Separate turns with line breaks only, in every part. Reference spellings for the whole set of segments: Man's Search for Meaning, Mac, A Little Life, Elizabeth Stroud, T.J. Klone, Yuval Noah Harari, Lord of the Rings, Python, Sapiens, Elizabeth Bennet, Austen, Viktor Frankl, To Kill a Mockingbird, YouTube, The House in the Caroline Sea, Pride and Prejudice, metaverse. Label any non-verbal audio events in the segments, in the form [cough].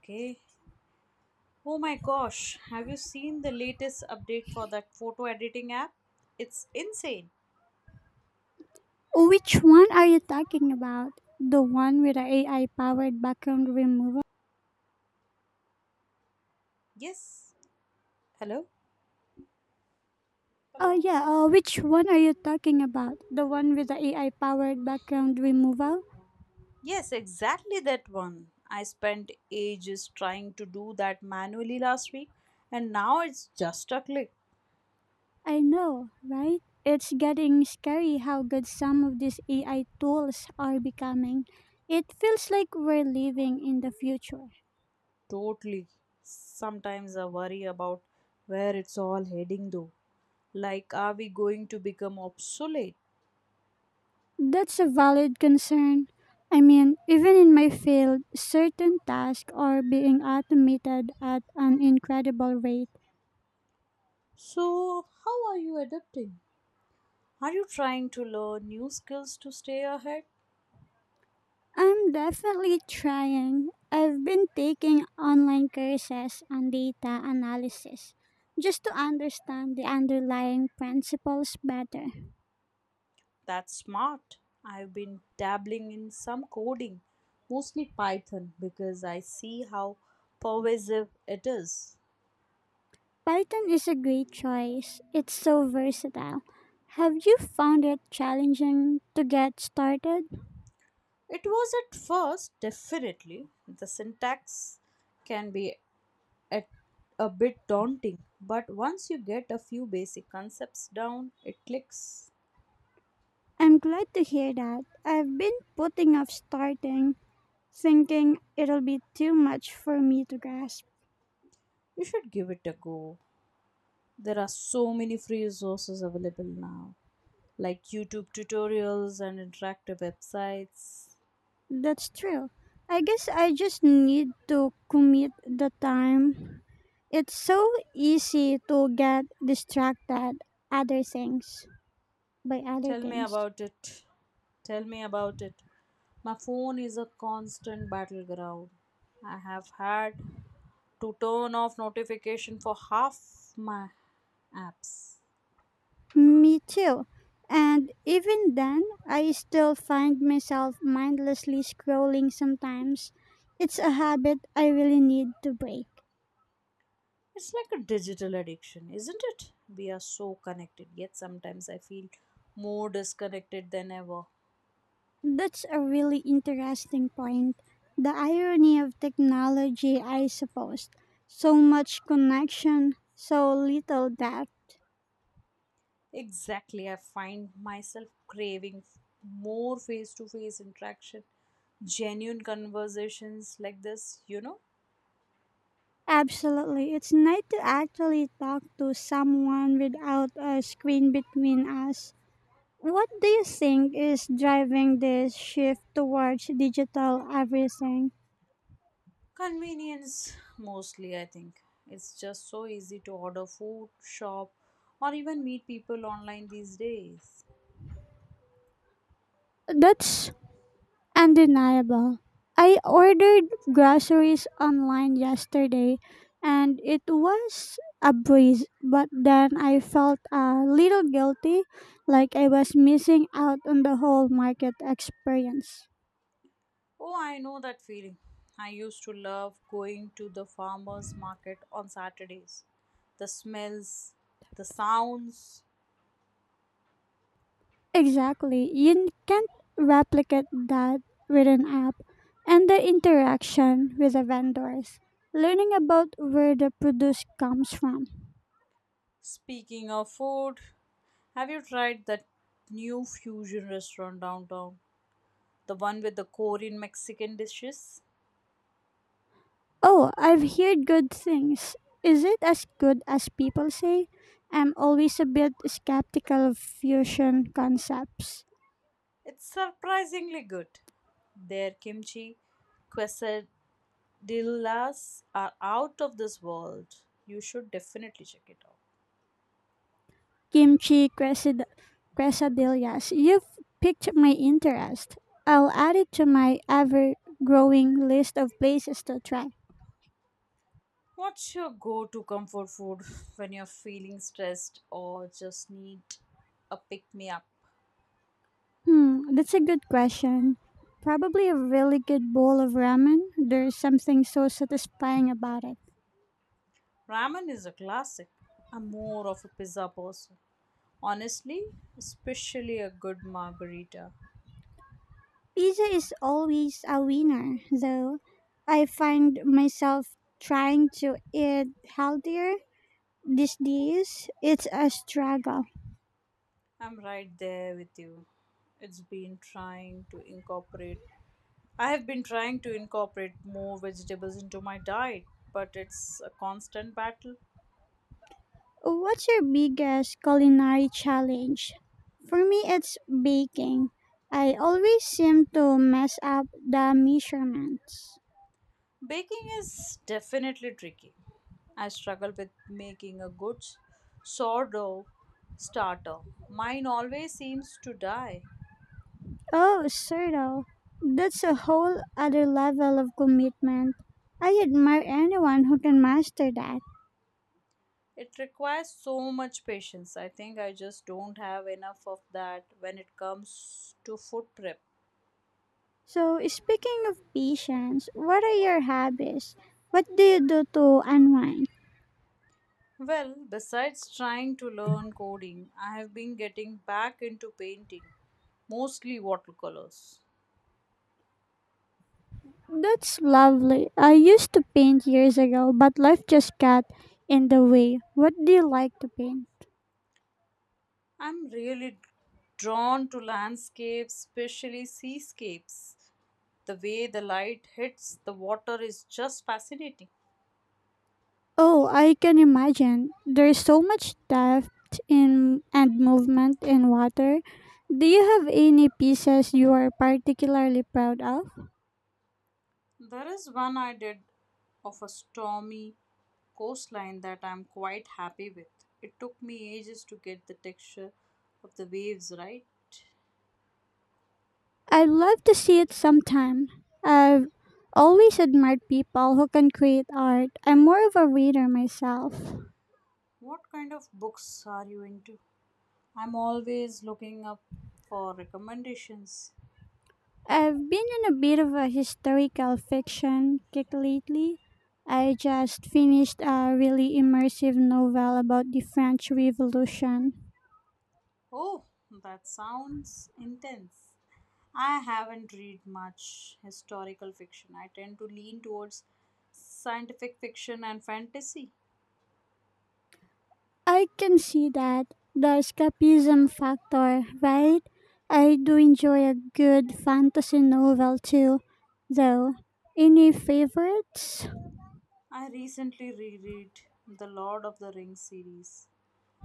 Okay. Oh my gosh, have you seen the latest update for that photo editing app? It's insane.
Which one are you talking about? The one with the AI powered background removal?
Yes. Hello?
Oh
Hello.
yeah, which one are you talking about? The one with the AI powered background removal?
Yes, exactly that one. I spent ages trying to do that manually last week, and now it's just a click.
I know, right? It's getting scary how good some of these AI tools are becoming. It feels like we're living in the future.
Totally. Sometimes I worry about where it's all heading though. Like, are we going to become obsolete?
That's a valid concern. I mean, even in my field, certain tasks are being automated at an incredible rate.
So, how are you adapting? Are you trying to learn new skills to stay ahead?
I'm definitely trying. I've been taking online courses on data analysis just to understand the underlying principles better.
That's smart. I've been dabbling in some coding, mostly Python, because I see how pervasive it is.
Python is a great choice, it's so versatile. Have you found it challenging to get started?
It was at first, definitely. The syntax can be at a bit daunting, but once you get a few basic concepts down, it clicks.
I'm glad to hear that. I've been putting off starting, thinking it'll be too much for me to grasp.
You should give it a go. There are so many free resources available now, like YouTube tutorials and interactive websites.
That's true. I guess I just need to commit the time. It's so easy to get distracted other things by other
Tell me
things.
about it. Tell me about it. My phone is a constant battleground. I have had to turn off notification for half my apps.
Me too. And even then, I still find myself mindlessly scrolling sometimes. It's a habit I really need to break.
It's like a digital addiction, isn't it? We are so connected, yet sometimes I feel more disconnected than ever.
That's a really interesting point. The irony of technology, I suppose. So much connection, so little depth.
Exactly, I find myself craving more face to face interaction, genuine conversations like this, you know?
Absolutely. It's nice to actually talk to someone without a screen between us. What do you think is driving this shift towards digital everything?
Convenience mostly, I think. It's just so easy to order food, shop, or even meet people online these days.
That's Undeniable. I ordered groceries online yesterday and it was a breeze, but then I felt a little guilty, like I was missing out on the whole market experience.
Oh, I know that feeling. I used to love going to the farmers market on Saturdays. The smells, the sounds.
Exactly. You can't replicate that with an app, and the interaction with the vendors, learning about where the produce comes from.
Speaking of food, have you tried that new fusion restaurant downtown? The one with the Korean Mexican dishes?
Oh, I've heard good things. Is it as good as people say? I'm always a bit skeptical of fusion concepts.
It's surprisingly good. Their kimchi quesadillas are out of this world. You should definitely check it out.
Kimchi quesad- Quesadillas. You've piqued my interest. I'll add it to my ever growing list of places to try.
What's your go to comfort food [laughs] when you're feeling stressed or just need a pick me up?
Hmm, that's a good question. Probably a really good bowl of ramen. There's something so satisfying about it.
Ramen is a classic. I'm more of a pizza person. Honestly, especially a good margarita.
Pizza is always a winner, though. I find myself trying to eat healthier these days. It's a struggle.
I'm right there with you. It's been trying to incorporate I have been trying to incorporate more vegetables into my diet, but it's a constant battle.
What's your biggest culinary challenge? For me, it's baking. I always seem to mess up the measurements.
Baking is definitely tricky. I struggle with making a good sourdough starter. Mine always seems to die.
Oh, Cerdo, that's a whole other level of commitment. I admire anyone who can master that.
It requires so much patience. I think I just don't have enough of that when it comes to food prep.
So, speaking of patience, what are your hobbies? What do you do to unwind?
Well, besides trying to learn coding, I have been getting back into painting, mostly watercolors.
That's lovely. I used to paint years ago, but life just got in the way. What do you like to paint?
I'm really drawn to landscapes, especially seascapes. The way the light hits the water is just fascinating.
Oh, I can imagine. There's so much depth in and movement in water. Do you have any pieces you are particularly proud of?
There is one I did of a stormy coastline that I'm quite happy with. It took me ages to get the texture of the waves right.
I'd love to see it sometime. I've always admired people who can create art. I'm more of a reader myself.
What kind of books are you into? I'm always looking up for recommendations.
I've been in a bit of a historical fiction kick lately. I just finished a really immersive novel about the French Revolution.
Oh, that sounds intense. I haven't read much historical fiction. I tend to lean towards scientific fiction and fantasy.
I can see that, the escapism factor, right? I do enjoy a good fantasy novel too, though. Any favorites?
I recently reread the Lord of the Rings series.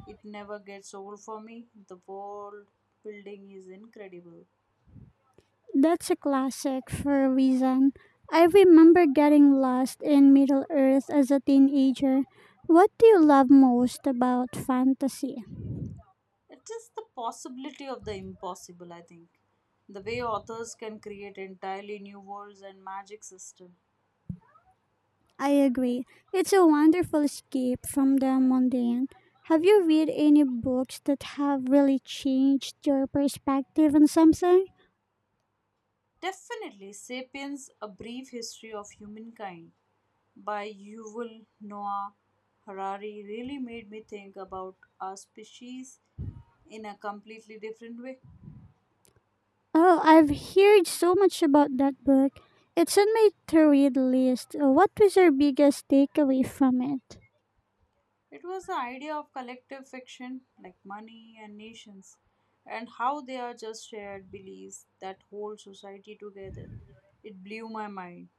It never gets old for me. The world building is incredible.
That's a classic for a reason. I remember getting lost in Middle Earth as a teenager. What do you love most about fantasy?
It is the possibility of the impossible, I think. The way authors can create entirely new worlds and magic system.
I agree. It's a wonderful escape from the mundane. Have you read any books that have really changed your perspective on something?
Definitely Sapiens, a brief history of humankind by Yuval Noah Harari really made me think about our species in a completely different way.
Oh, I've heard so much about that book. It's on my to read list. What was your biggest takeaway from it?
It was the idea of collective fiction like money and nations, and how they are just shared beliefs that hold society together. It blew my mind.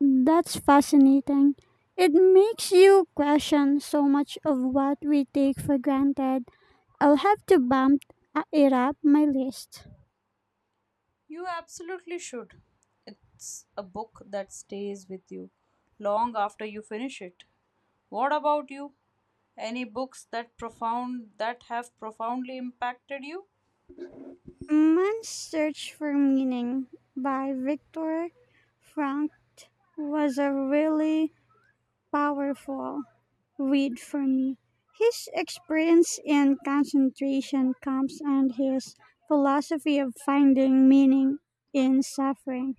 That's fascinating. It makes you question so much of what we take for granted. I'll have to bump it up my list.
You absolutely should. It's a book that stays with you long after you finish it. What about you? Any books that profound that have profoundly impacted you?
Man's Search for Meaning by Viktor Frankl was a really powerful read for me. His experience in concentration camps and his philosophy of finding meaning in suffering.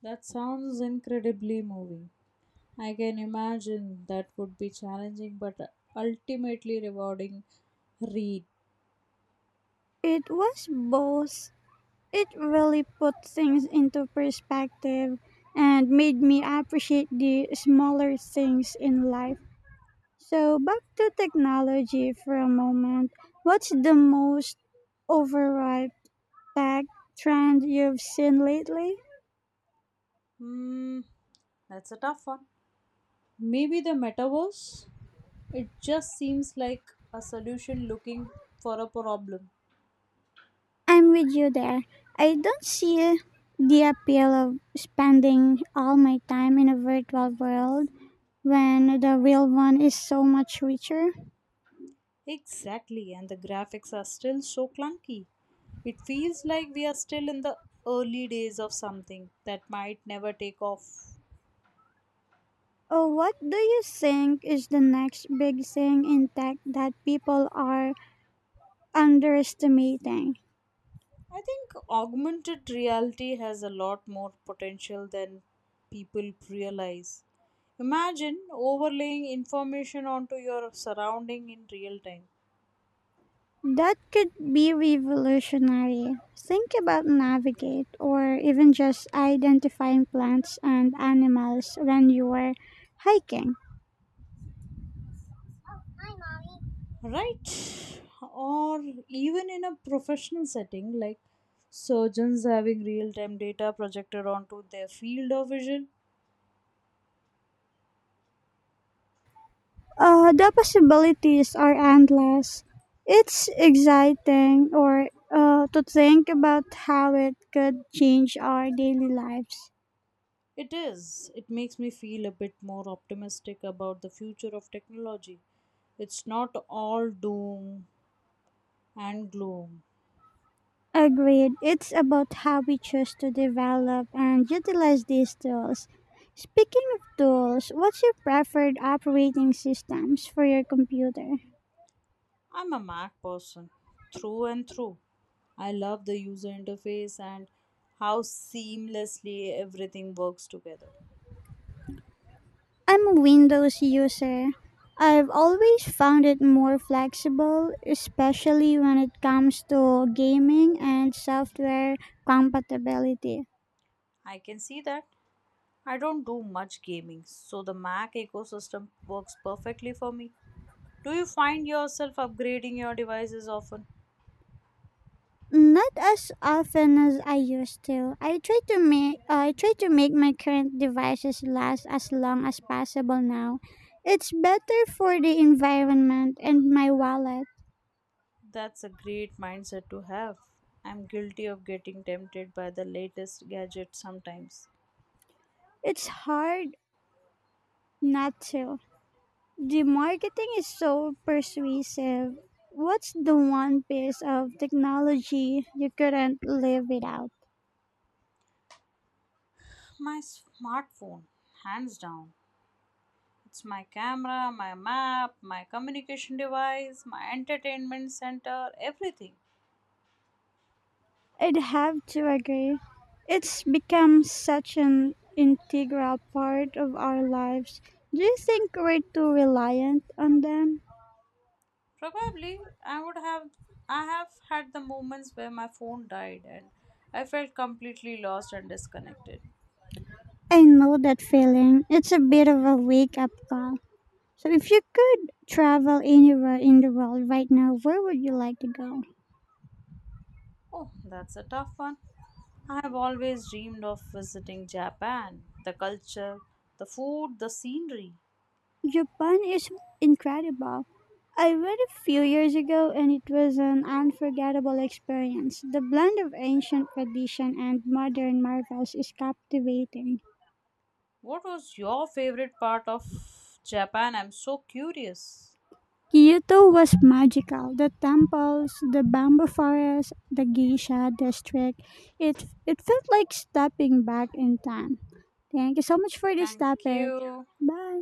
That sounds incredibly moving. I can imagine that would be challenging but ultimately rewarding read.
It was both It really put things into perspective and made me appreciate the smaller things in life. So, back to technology for a moment. What's the most overripe tech trend you've seen lately?
Hmm, That's a tough one. Maybe the metaverse? It just seems like a solution looking for a problem.
I'm with you there. I don't see the appeal of spending all my time in a virtual world when the real one is so much richer.
Exactly, and the graphics are still so clunky. It feels like we are still in the early days of something that might never take off.
Oh, what do you think is the next big thing in tech that people are underestimating?
I think augmented reality has a lot more potential than people realize. Imagine overlaying information onto your surrounding in real time,
That could be revolutionary. Think about navigate or even just identifying plants and animals when you are hiking.
right? Or even in a professional setting, like surgeons having real time data projected onto their field of vision.
The possibilities are endless. It's exciting or to think about how it could change our daily lives.
It is. It makes me feel a bit more optimistic about the future of technology. It's not all doom and gloom.
Agreed. It's about how we choose to develop and utilize these tools. Speaking of tools, what's your preferred operating systems for your computer?
I'm a Mac person, through and through. I love the user interface and how seamlessly everything works together.
I'm a Windows user. I've always found it more flexible, especially when it comes to gaming and software compatibility.
I can see that I don't do much gaming, so the Mac ecosystem works perfectly for me. Do you find yourself upgrading your devices often?
Not as often as I used to. I try to make my current devices last as long as possible now. It's better for the environment and my wallet.
That's a great mindset to have. I'm guilty of getting tempted by the latest gadget sometimes.
It's hard not to. The marketing is so persuasive. What's the one piece of technology you couldn't live without?
My smartphone, hands down. It's my camera, my map, my communication device, my entertainment center, everything.
I'd have to agree. It's become such an integral part of our lives. Do you think we're too reliant on them?
Probably I would have I have had the moments where my phone died and I felt completely lost and disconnected.
I know that feeling. It's a bit of a wake up call. So, if you could travel anywhere in the world right now, where would you like to go?
Oh, that's a tough one. I have always dreamed of visiting Japan, the culture, the food, the scenery.
Japan is incredible. I went a few years ago and it was an unforgettable experience. The blend of ancient tradition and modern marvels is captivating.
What was your favorite part of Japan? I'm so curious.
Kyoto was magical. The temples, the bamboo forest, the geisha district. It felt like stepping back in time. Thank you so much for this
Thank
topic.
you.
Bye.